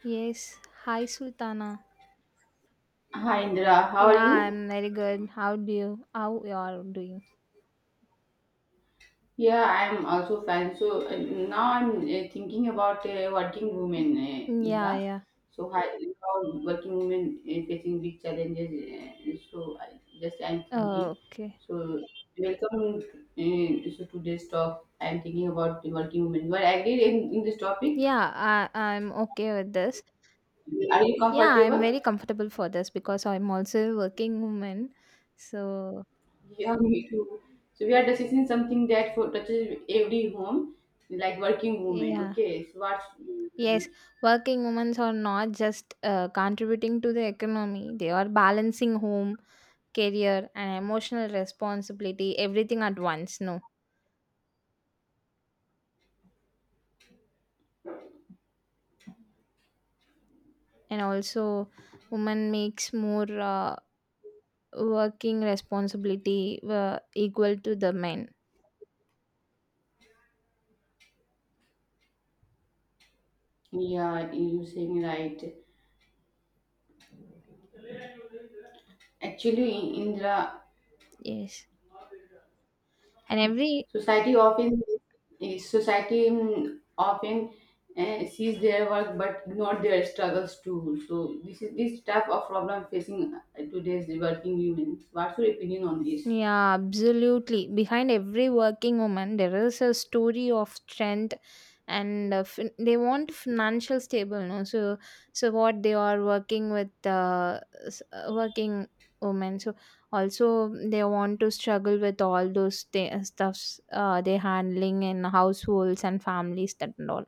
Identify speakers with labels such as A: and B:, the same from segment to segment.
A: Yes, hi Sultana.
B: Hi Indra, how are
A: Yeah,
B: you?
A: I'm very good. How do you how you are doing?
B: Yeah, I'm also fine. So now I'm thinking about working women,
A: Yeah,
B: Indra.
A: yeah.
B: So how working women facing big challenges. Just I'm thinking.
A: Okay.
B: So welcome, so today's talk. I'm thinking about the working women. Well, I agree in this topic.
A: Yeah, I'm okay with this.
B: Are you
A: Yeah, I'm
B: comfortable?
A: very comfortable for this because I'm also a working woman. So,
B: Yeah, me too. So we are discussing something that touches every home, like working women.
A: yeah.
B: Okay, so what's.
A: Yes, working women are not just contributing to the economy. They are balancing home, career and emotional responsibility everything at once, no. And also women makes more working responsibility were equal to the men.
B: Yeah, you're saying right. Actually, in the
A: Yes, and every,
B: society often, society often sees their work but not their struggles too. So this is this type of problem facing today's working women. What's your opinion on this?
A: yeah, absolutely, behind every working woman there is a story of strength and they want financial stable, no. So what they are working with working women, also they want to struggle with all those stuffs they're handling in households and families, that and all.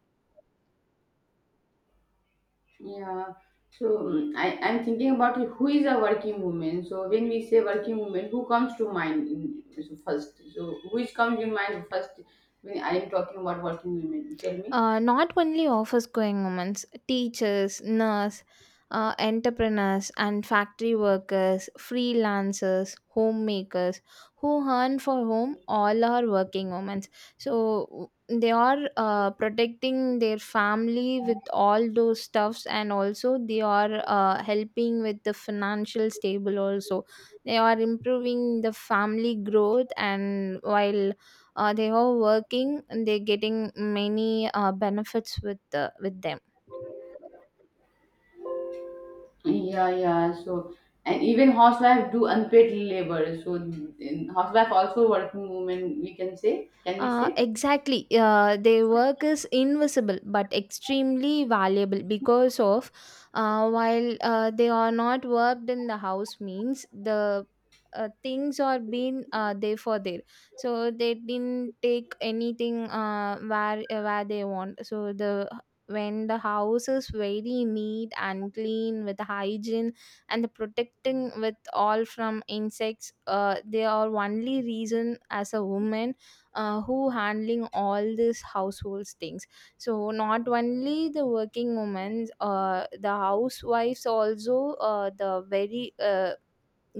B: Yeah. So I'm thinking about who is a working woman. So when we say working woman, who comes to mind so first? So which comes in mind first when I am talking about working women? Tell me.
A: Not only office going women, teachers, nurse, entrepreneurs, and factory workers, freelancers, homemakers who earn, for whom all are working women. So they are protecting their family with all those stuffs, and also they are helping with the financial stable. Also, they are improving the family growth, and while they are working and they're getting many benefits with them.
B: Yeah, yeah. So, and even housewife do unpaid labor. So, in housewife also working woman, we can say, can we say?
A: Exactly. Their work is invisible but extremely valuable because of, while they are not worked in the house means the things are being there for there. So they didn't take anything where they want. So the when the house is very neat and clean with hygiene and the protecting with all from insects, they are only reason as a woman who handling all these households things. Not only the working women, the housewives also, the very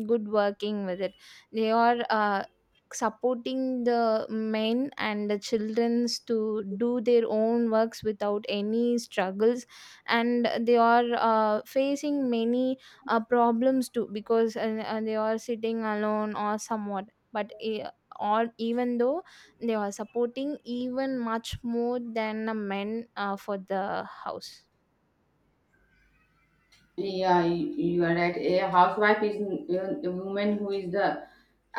A: good working with it, they are supporting the men and the childrens to do their own works without any struggles, and they are facing many problems too because they are sitting alone or somewhat, but or even though they are supporting even much more than a men for the house.
B: Yeah, you are right. A housewife is a woman who is the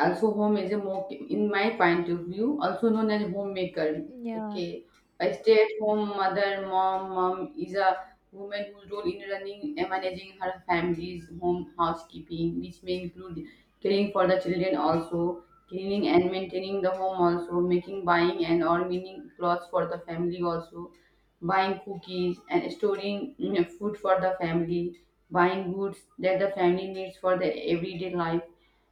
B: also home is a more, in my point of view, also known as homemaker.
A: Yeah.
B: Okay, a stay-at-home mother, mom is a woman whose role in running and managing her family's home housekeeping, which may include caring for the children also, cleaning and maintaining the home also, making, buying and or meaning clothes for the family also, buying cookies and storing food for the family, buying goods that the family needs for the everyday life,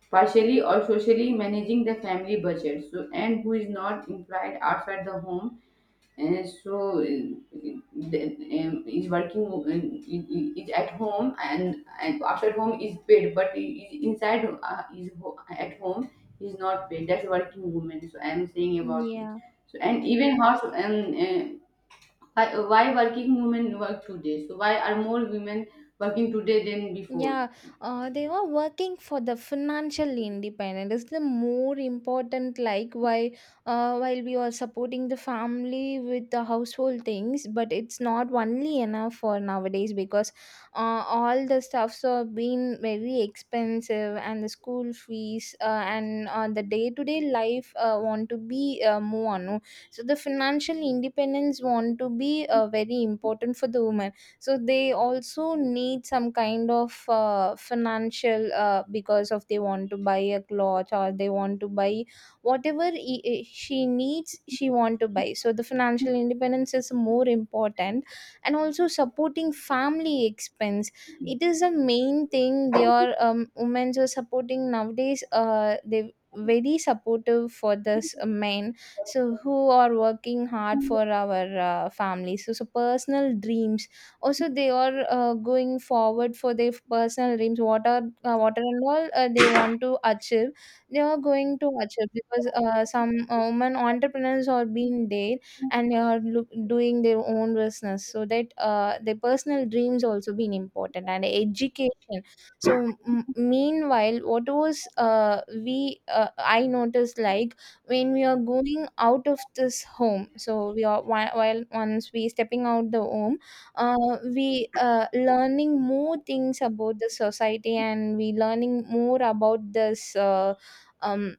B: partially or socially managing the family budget. So, and who is not employed outside the home, and so is working is at home, and outside home is paid, but is inside, at home is not paid. That's working woman. So I am saying about it.
A: Yeah.
B: So and even house and. Why working women work today? So why are more women working today than before?
A: Yeah, they are working for the financial independence. It's the more important, like why, while we are supporting the family with the household things, but it's not only enough for nowadays because all the stuffs have been very expensive and the school fees and the day to day life want to be more. On. So the financial independence want to be very important for the woman, so they also need some kind of financial, because of they want to buy a cloth or they want to buy whatever she needs, she want to buy. So the financial independence is more important, and also supporting family expense, it is a main thing they are, women are supporting nowadays. They very supportive for this men, so who are working hard for our family. So personal dreams, also they are going forward for their personal dreams, what are and all they want to achieve, they are going to achieve, because some women entrepreneurs are being there and they are doing their own business, so that their personal dreams also been important. And education, meanwhile what was we I noticed, like, when we are going out of this home, so we are, while once we stepping out the home, we learning more things about the society and we learning more about this, um,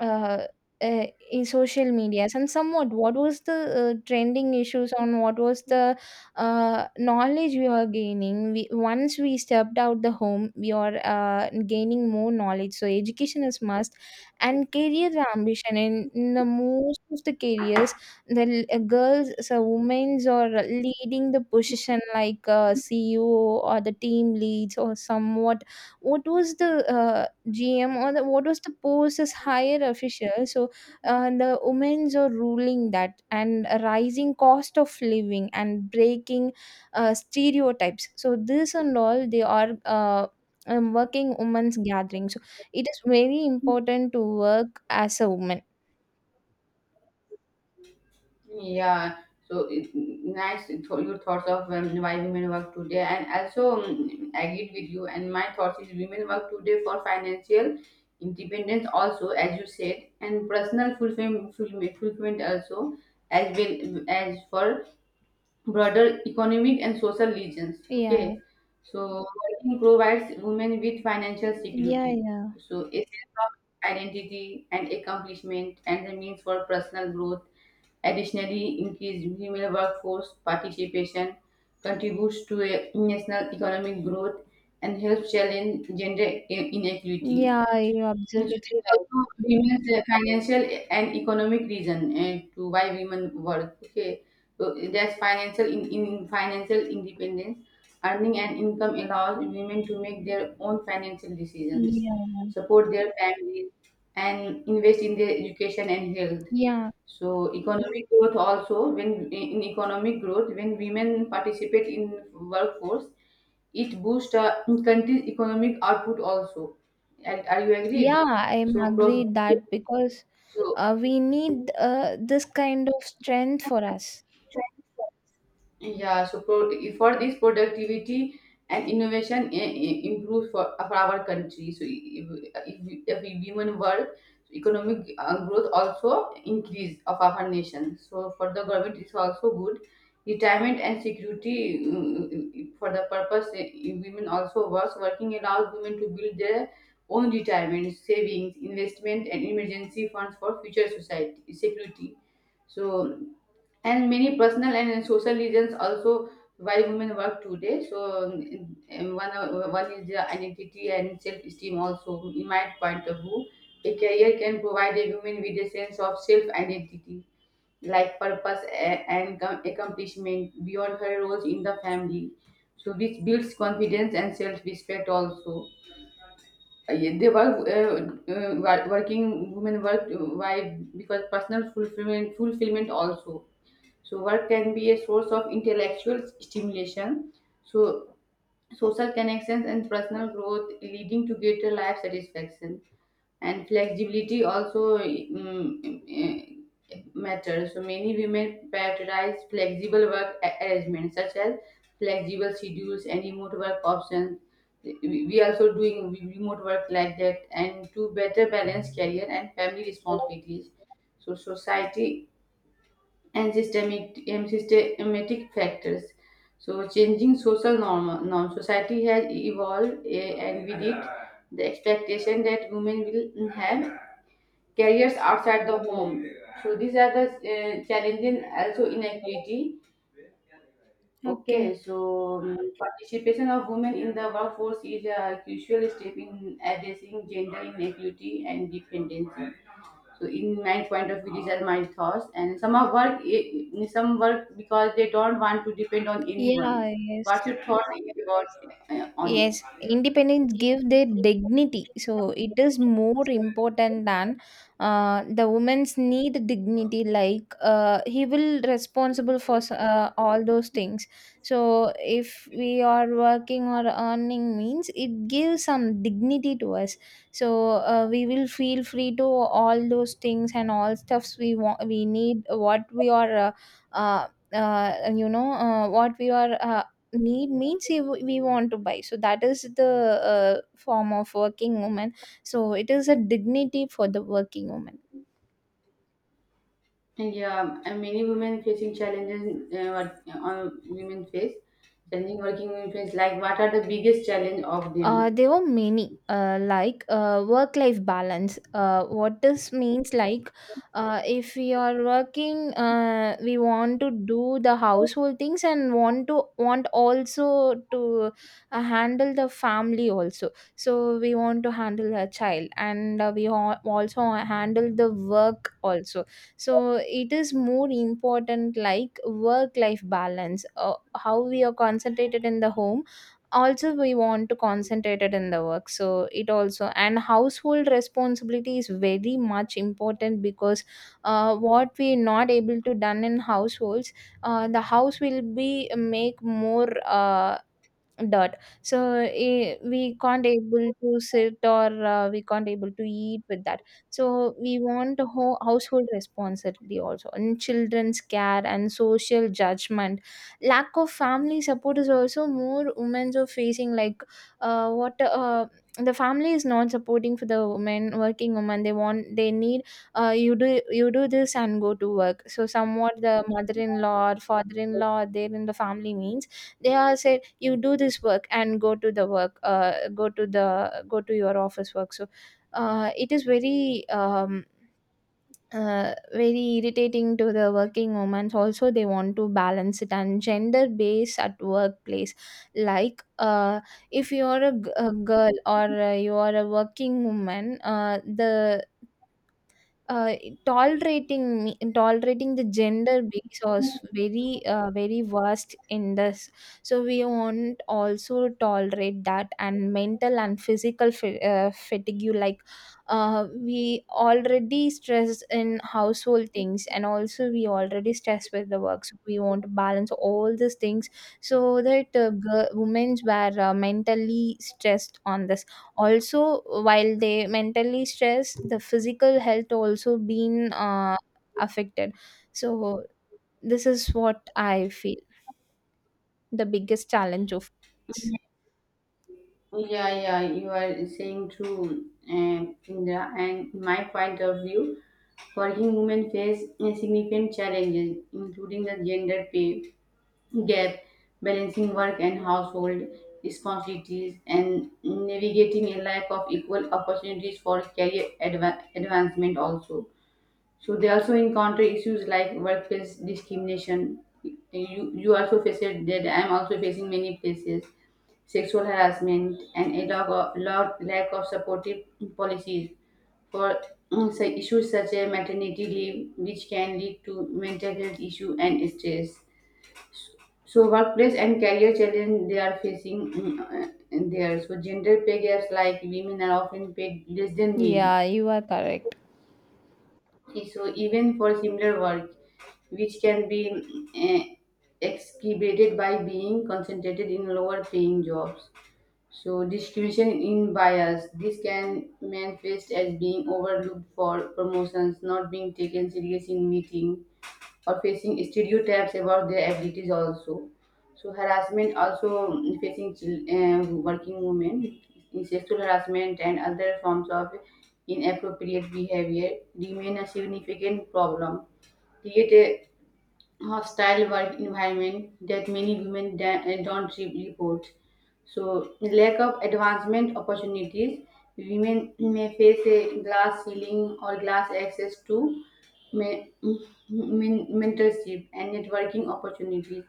A: uh, uh, in social medias and somewhat what was the trending issues on, what was the knowledge we were gaining, we, once we stepped out the home we are gaining more knowledge, so education is must. And career ambition, in the most of the careers, the girls, so women's are leading the position like ceo or the team leads or somewhat, what was the GM or the, what was the post as higher official? So the women's are ruling that, and a rising cost of living and breaking stereotypes. So this and all they are, working women's gathering. So it is very important to work as a woman.
B: Yeah, so it, nice your thoughts of why women work today, and also I agreed with you. And my thoughts is women work today for financial independence, also as you said, and personal fulfillment also, as well as for broader economic and social reasons.
A: Yeah,
B: Okay, so working provides women with financial
A: yeah,
B: security,
A: yeah,
B: so a sense of identity and accomplishment, and the means for personal growth. Additionally, increased female workforce participation contributes to a national economic growth and helps challenge gender inequality.
A: yeah. You're absolutely
B: It's
A: right.
B: also women's financial and economic reason and to why women work. Okay, so there's financial in financial independence, earning an income allows women to make their own financial decisions,
A: Yeah,
B: support their families, and invest in their education and health.
A: yeah.
B: So economic growth also, when in economic growth when women participate in workforce, it boosts country's economic output also. Are you
A: Yeah,
B: agreed?
A: I am
B: So, pro-
A: agreed that because
B: so,
A: we need this kind of strength for us.
B: yeah, so for this productivity and innovation improves for our country. So if we women work, so economic growth also increase of our nation. So for the government, it's also good. Retirement and security, for the purpose, women also works. Working allows women to build their own retirement, savings, investment, and emergency funds for future society security. So and many personal and social reasons also why women work today, so one is their identity and self esteem, also in my point of view a career can provide a woman with a sense of self identity, like purpose and accomplishment beyond her roles in the family, so this builds confidence and self respect also. Yeah, they work working women work, why? Because personal fulfillment also, so work can be a source of intellectual stimulation, so social connections and personal growth, leading to greater life satisfaction. And flexibility also matters. So many women prioritize flexible work arrangements such as flexible schedules and remote work options. We also doing remote work like that, and to better balance career and family responsibilities. So society and systemic systematic factors. So, changing social norm, society has evolved, and with it, the expectation that women will have careers outside the home. So, these are the challenging also inequality.
A: Okay.
B: Okay, so participation of women in the workforce is a crucial step in addressing gender inequality and dependency. So, in my point of view, these are my thoughts. And some of work, some work because they don't want to depend on anyone.
A: Yeah, yes.
B: What's your thoughts about on it?
A: Yes, independence give their dignity. So it is more important than, the women's need dignity. Like, he will responsible for all those things. So if we are working or earning means it gives some dignity to us. So we will feel free to all those things and all stuffs we want. We need what we are. Uh, uh, you know, what we are need means, we want to buy, so that is the form of working woman. So it is a dignity for the working woman.
B: And yeah, and many women facing challenges, on women face challenging, working women face, like what are the biggest challenge of them?
A: There were many, like, work life balance. What this means, like, if we are working, we want to do the household things and want also to handle the family also. So we want to handle a child and also handle the work also. So it is more important, like work life balance, how we are concentrated in the home, also we want to concentrate it in the work. So it also, and household responsibility is very much important because what we not able to done in households, the house will be make more dot. So eh, we can't able to sit or we can't able to eat with that. So we want a household responsibility also, and children's care and social judgment. Lack of family support is also more women are facing, like, what the family is not supporting for the women working women. They want, they need, you do, this and go to work. So somewhat the mother-in-law or father-in-law they're in the family means they are said you do this work and go to the work, go to the go to your office work. So it is very very irritating to the working women, also they want to balance it. And gender base at workplace, like, if you are a, a girl or you are a working woman, the uh, tolerating me tolerating the gender base was very, very worst in this. So we won't also tolerate that. And mental and physical fatigue, like, we already stress in household things, and also we already stress with the work, so we want to balance all these things. So that girl, women were mentally stressed on the, also, while they mentally stress, the physical health also been affected. So this is what I feel the biggest challenge of.
B: Yeah, yeah, you are saying true, and Indra. And in my point of view, working women face significant challenges, including the gender pay gap, balancing work and household responsibilities, and navigating a lack of equal opportunities for career advancement also. So they also encounter issues like workplace discrimination. You also face it, that I'm also facing many places, sexual harassment, and a lack of, lack of supportive policies for, say, issues such as maternity leave, which can lead to mental health issue and stress. So workplace and career challenge they are facing, there. So gender pay gaps, like women are often paid less than men.
A: Yeah, you are correct.
B: Okay, so even for similar work, which can be eh, excavated by being concentrated in lower paying jobs. So discrimination in bias, this can manifest as being overlooked for promotions, not being taken serious in meeting, or facing stereotypes about their abilities also. So harassment also, facing working women, sexual harassment and other forms of inappropriate behavior remain a significant problem. Create hostile work environment that many women don't report. So, lack of advancement opportunities, women may face a glass ceiling or glass access to, me, mentorship and networking opportunities,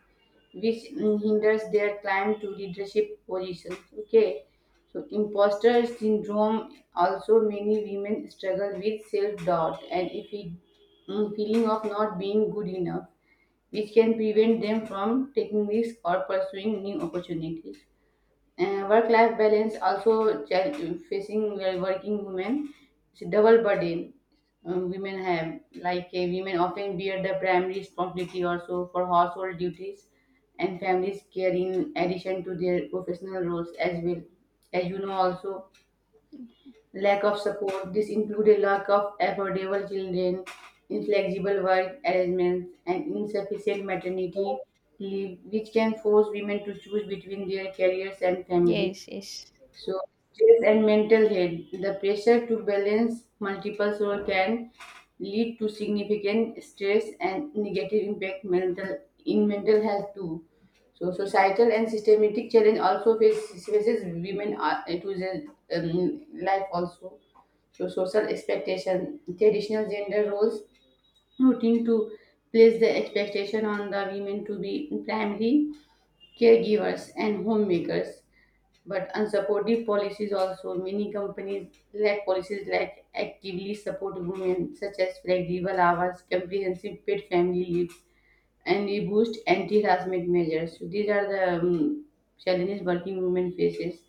B: which hinders their climb to leadership positions. Okay, so imposter syndrome, also many women struggle with self doubt and if we, feeling of not being good enough, which can prevent them from taking risks or pursuing new opportunities. Work life balance also facing well, working women, it's a double burden, women have, like women often bear the primary responsibility also for household duties and families care in addition to their professional roles as well, as you know also. Lack of support. This included lack of affordable children, inflexible work arrangements, and insufficient maternity leave, which can force women to choose between their careers and family.
A: Yes, yes.
B: So, stress and mental health. The pressure to balance multiple roles can lead to significant stress and negative impact mental, in mental health too. So, societal and systematic challenge also faces women to their life also. So, social expectation, traditional gender roles, routine to place the expectation on the women to be primary caregivers and homemakers, but unsupportive policies also, many companies lack policies like actively support women, such as flexible hours, comprehensive paid family leave, and we boost anti-harassment measures. So these are the challenges working women faces.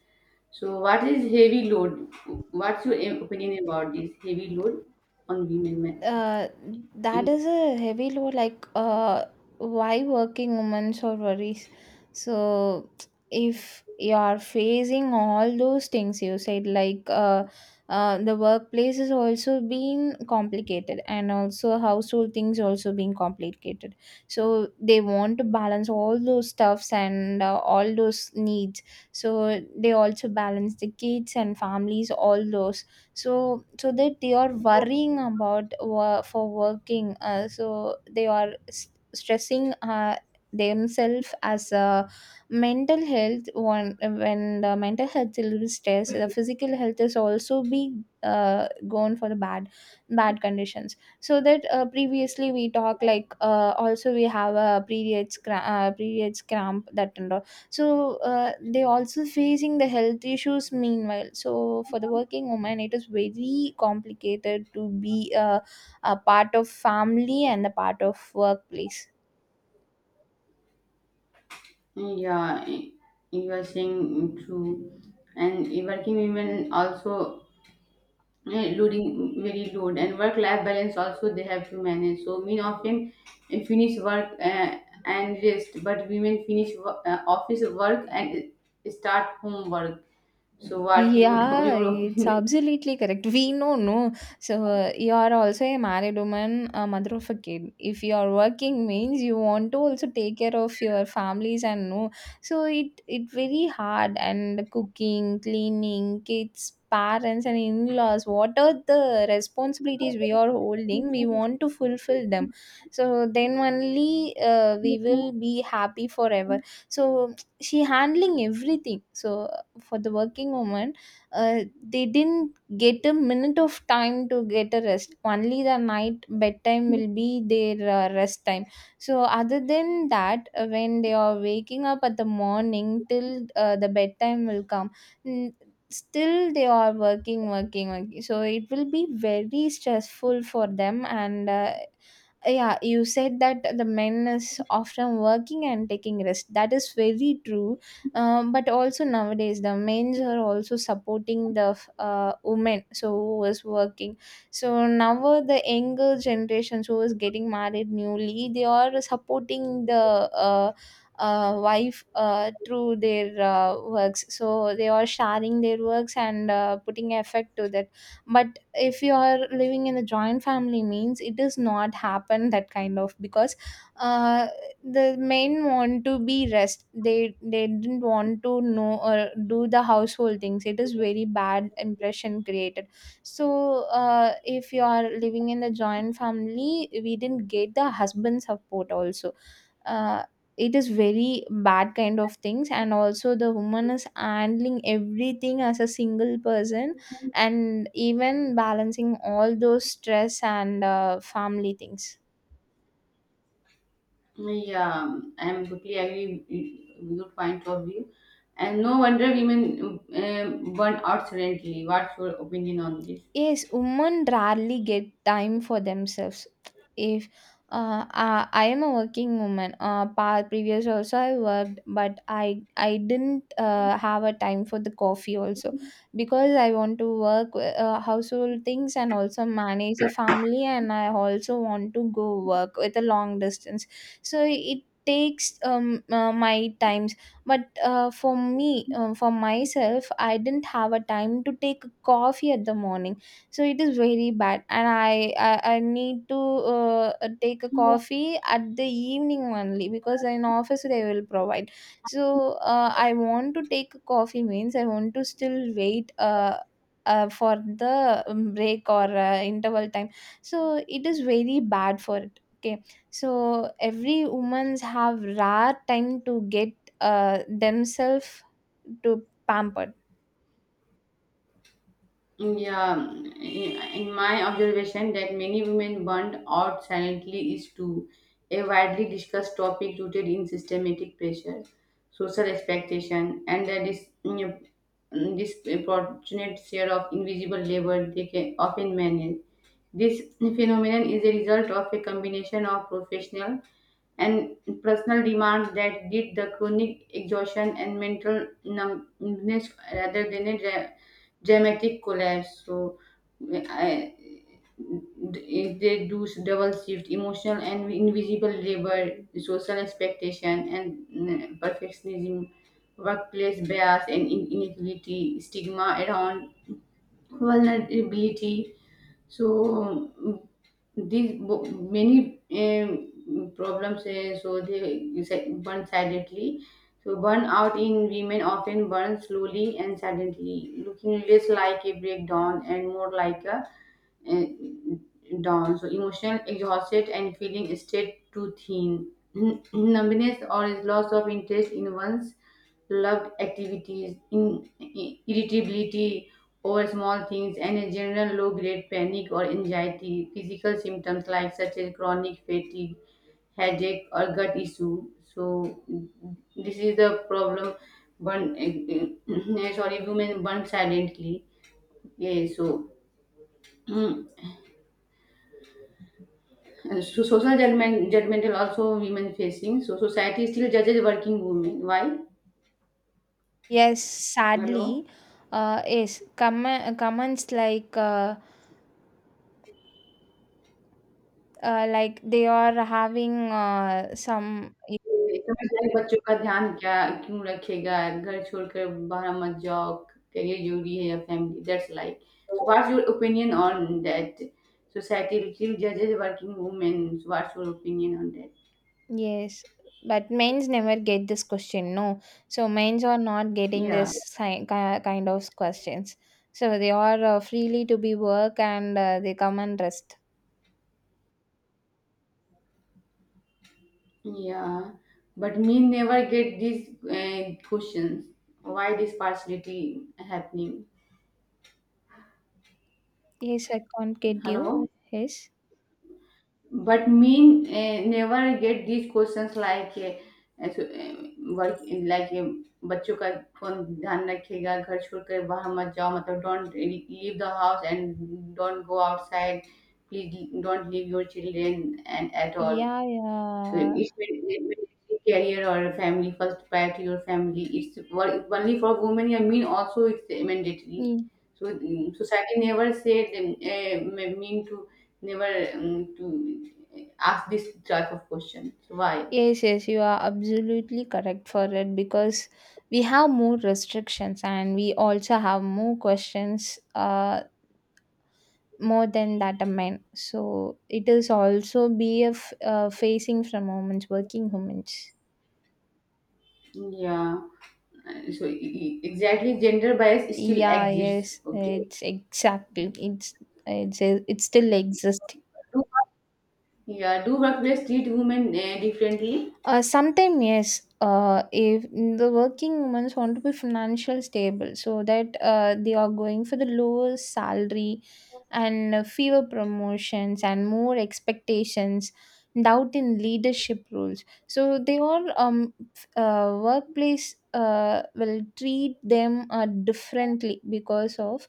B: So what is heavy load? What's your opinion about this heavy load on women? Ma-
A: uh, that
B: In
A: is a heavy load, like, why working women so worries. So if you are facing all those things you said, like, the workplace is also being complicated and also household things also being complicated. So they want to balance all those stuffs and all those needs. So they also balance the kids and families all those. So that they are worrying about for working, so they are stressing themselves as a mental health one. When the mental health is stressed, the physical health is also be gone for the bad conditions. So that previously we talk, like, also we have a periods cramp, that and all. So they also facing the health issues meanwhile. So for the working woman it is very complicated to be a part of family and a part of workplace.
B: Yeah, you are saying true, and working women also loading very load, and work life balance also they have to manage, so men often finish work and rest, but women finish office work and start home work, so what you do
A: Yeah,
B: your
A: it's
B: opinion.
A: absolutely correct. We know, no. So you are also a married woman, a mother of a kid. If you are working means you want to also take care of your families and no. So it very hard, and cooking, cleaning, kids, parents and in-laws. What are the responsibilities we are holding? We want to fulfill them. So then only we will be happy forever. So she handling everything. So for the working woman uh, they didn't get a minute of time to get a rest. Only the night bedtime will be their rest time. So other than that, when they are waking up at the morning till the bedtime will come, mm, still they are working working working, so it will be very stressful for them. And yeah, you said that the men is often working and taking rest, that is very true. But also nowadays the men's are also supporting the women, so who is working. So now the younger generations who is getting married newly, they are supporting the wife through their works, so they are sharing their works and putting effort to that. But if you are living in a joint family means, it does not happen that kind of, because uh, the men want to be rest, they didn't want to know or do the household things. It is very bad impression created. So if you are living in the joint family, we didn't get the husband support also. uh, it is very bad kind of things, and also the woman is handling everything as a single person and even balancing all those stress and family things.
B: Yeah, I'm totally agree with your point of view, and no wonder women burn out suddenly. What's your opinion on this?
A: Yes, women rarely get time for themselves. If I am a working woman, previous also I worked, but I didn't have a time for the coffee also, because I want to work household things and also manage a family, and I also want to go work with a long distance. So it takes my times. But for me, for myself, I didn't have a time to take coffee at the morning. So it is very bad, and I need to take a coffee at the evening only because in office they will provide. So I want to take a coffee means, I want to still wait for the break or interval time. So it is very bad for it, okay. So every woman's have rare time to get themselves to pampered.
B: Yeah, in my observation, that many women burned out silently is too a widely discussed topic, rooted in systematic pressure, social expectation, and the disproportionate share of invisible labor they can often manage. This phenomenon is a result of a combination of professional and personal demands that lead the chronic exhaustion and mental numbness rather than a dramatic collapse. So, I, if they do double shift, emotional and invisible labor, social expectation and perfectionism, workplace bias and inequality, stigma around vulnerability. So these many problems. So they burn silently. So burnout in women often burns slowly and silently, looking less like a breakdown and more like a uh, down. So emotional exhausted and feeling stayed too thin. Numbness or is loss of interest in one's loved activities, irritability over small things, and a general low grade panic or anxiety. Physical symptoms like such as chronic fatigue, headache, or gut issue. So this is the problem. Burn, sorry, women burn silently. Yeah, so so social judgment, judgmental also women facing. So society still judges working women. Why?
A: Yes,
B: hello
A: sadly, yes, comments like they are having some.
B: समझदार बच्चों का ध्यान क्या क्यों रखेगा घर छोड़कर बाहर मत जाओ करियर जरूरी है या family that's like so what's your opinion on that society still जजेस working women what's your opinion on that
A: Yes, but men's never get this question. No, so men's are not getting
B: या
A: this kind of questions. So they are freely to be work and they come and rest.
B: Yeah but men never get this questions why this partiality happening
A: Yes, I can't get
B: hello.
A: you. Yes,
B: But mean never get these questions, like so like the, children's phone. Don't leave the house and don't go outside. Please don't leave your children and at all.
A: yeah,
B: So it may be career or a family first priority or family. It's only for women. I mean, also it's mandatory.
A: yeah.
B: So society never said mean to never to ask this type of question. So why?
A: Yes, yes, you are absolutely correct for it, because we have more restrictions and we also have more questions, more than that a man. So it is also be a facing from humans, working humans.
B: Yeah. So exactly, gender bias still
A: Yeah,
B: exists.
A: yes,
B: Okay.
A: it's exactly, it's still exists.
B: Do- Yeah. Do workplace treat women differently?
A: Sometime yes. If the working women want to be financial stable, so that they are going for the lower salary and fewer promotions and more expectations, doubt in leadership roles. So they all workplace will treat them differently, because of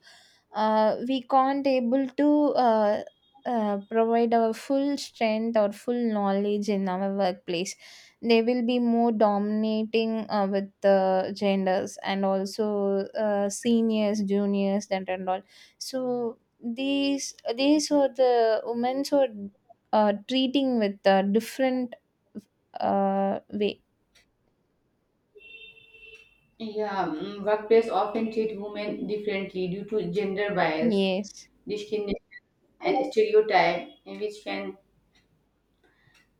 A: we can't able to uh, provide our full strength or full knowledge in our workplace. They will be more dominating with the genders and also seniors juniors that and all. So these are the women who are treating with a different way.
B: Yeah, workplace often treat women differently due to gender bias,
A: Yes.
B: discrimination, and stereotype, which can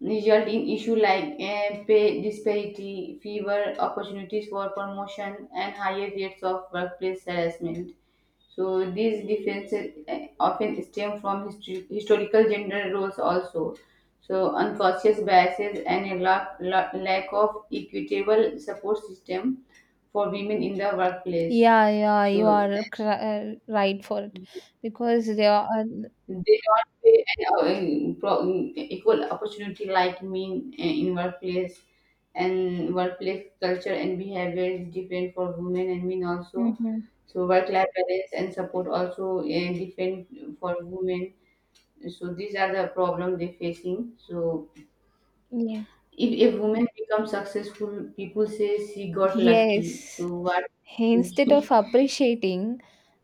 B: result in issues like pay disparity, fewer opportunities for promotion, and higher rates of workplace harassment. So these differences often stem from historical gender roles also. So unconscious biases and a lack of equitable support system for women in the workplace.
A: Yeah, yeah, you
B: So
A: are right for it because they are.
B: they don't pay an, equal opportunity like mean in workplace, and workplace culture and behavior is different for women and men also.
A: Mhm.
B: So work life balance and support also different for women. So these are the problem they facing. So
A: Yes.
B: if a woman becomes successful, people say she got lucky.
A: Yes.
B: So what?
A: Instead of appreciating,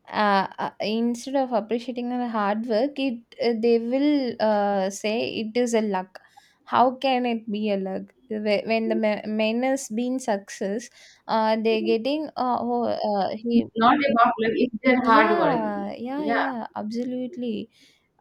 A: instead of appreciating the hard work, it they will say it is a luck. How can it be a luck? When the man has been success, they're getting he.
B: Not about luck. It's their hard work.
A: Yeah, yeah,
B: Yeah.
A: yeah, absolutely.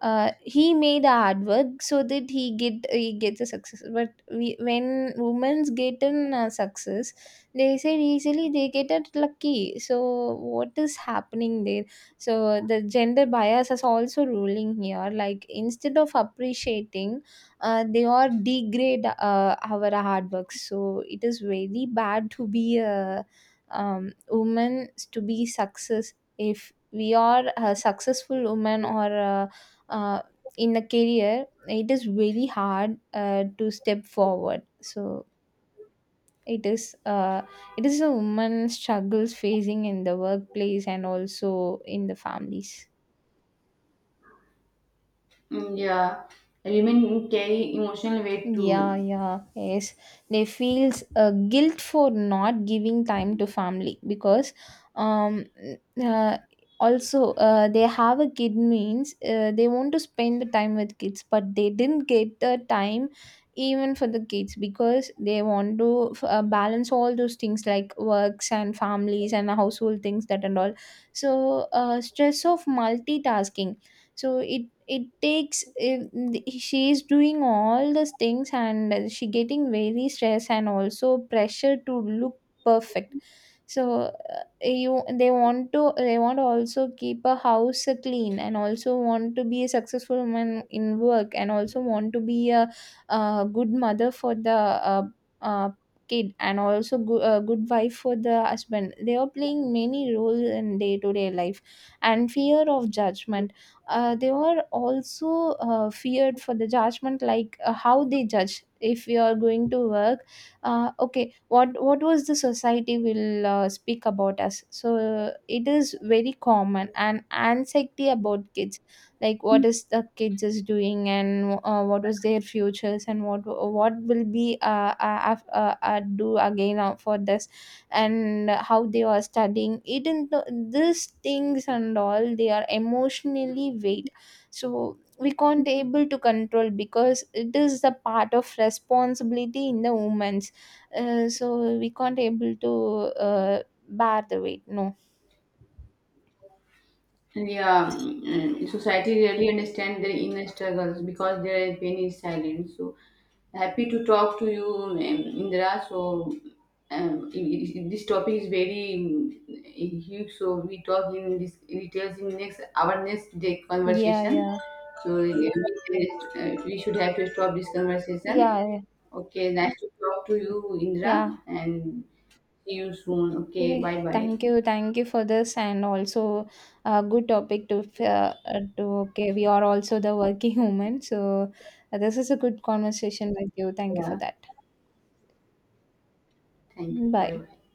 A: He made hard work so that he gets a success. But we, when women's get an success, they said easily they get it lucky. So what is happening there? So the gender bias is also ruling here. Like instead of appreciating, they all degrade our hard work. So it is very bad to be a, woman to be success. If we are a successful woman or a uh, in a career, it is really hard to step forward. So it is uh, it is a woman struggles facing in the workplace and also in the families.
B: Mm, yeah, women carry emotional weight
A: Yeah,
B: too.
A: yeah, yes. They feels guilt for not giving time to family, because um uh, also they have a kid means, they want to spend the time with kids, but they didn't get the time even for the kids, because they want to balance all those things like works and families and household things that and all. So stress of multitasking. So it takes, if she is doing all those things and she getting very stress and also pressure to look perfect. So you they want to, they want to also keep a house clean and also want to be a successful woman in work and also want to be a, good mother for the uh, kid, and also a good wife for the husband. They are playing many roles in day to day life. And fear of judgment, they are also feared for the judgment. Like how they judge if you are going to work, okay, what was the society will speak about us. So it is very common. And anxiety about kids, like what is the kids is doing and what was their futures, and what will be do again for this, and how they are studying it, and these things and all they are emotionally weight. So we can't able to control because it is the part of responsibility in the women. So we can't able to uh, bear the weight, no.
B: Yeah, society really understand their inner struggles because their pain is silent. So happy to talk to you, Indra. So this topic is very huge. So we talk in this details in next our next day
A: Yeah,
B: conversation.
A: yeah,
B: So we should have to stop this conversation.
A: yeah, yeah,
B: Okay, nice to talk to you, Indra,
A: yeah.
B: and see you soon.
A: Okay,
B: Okay, bye bye.
A: thank you, thank you for this. And also a good topic to to okay. We are also the working women. So this is a good conversation with you. Thank you for
B: Yeah,
A: that.
B: thank you. Bye
A: Bye.
B: bye.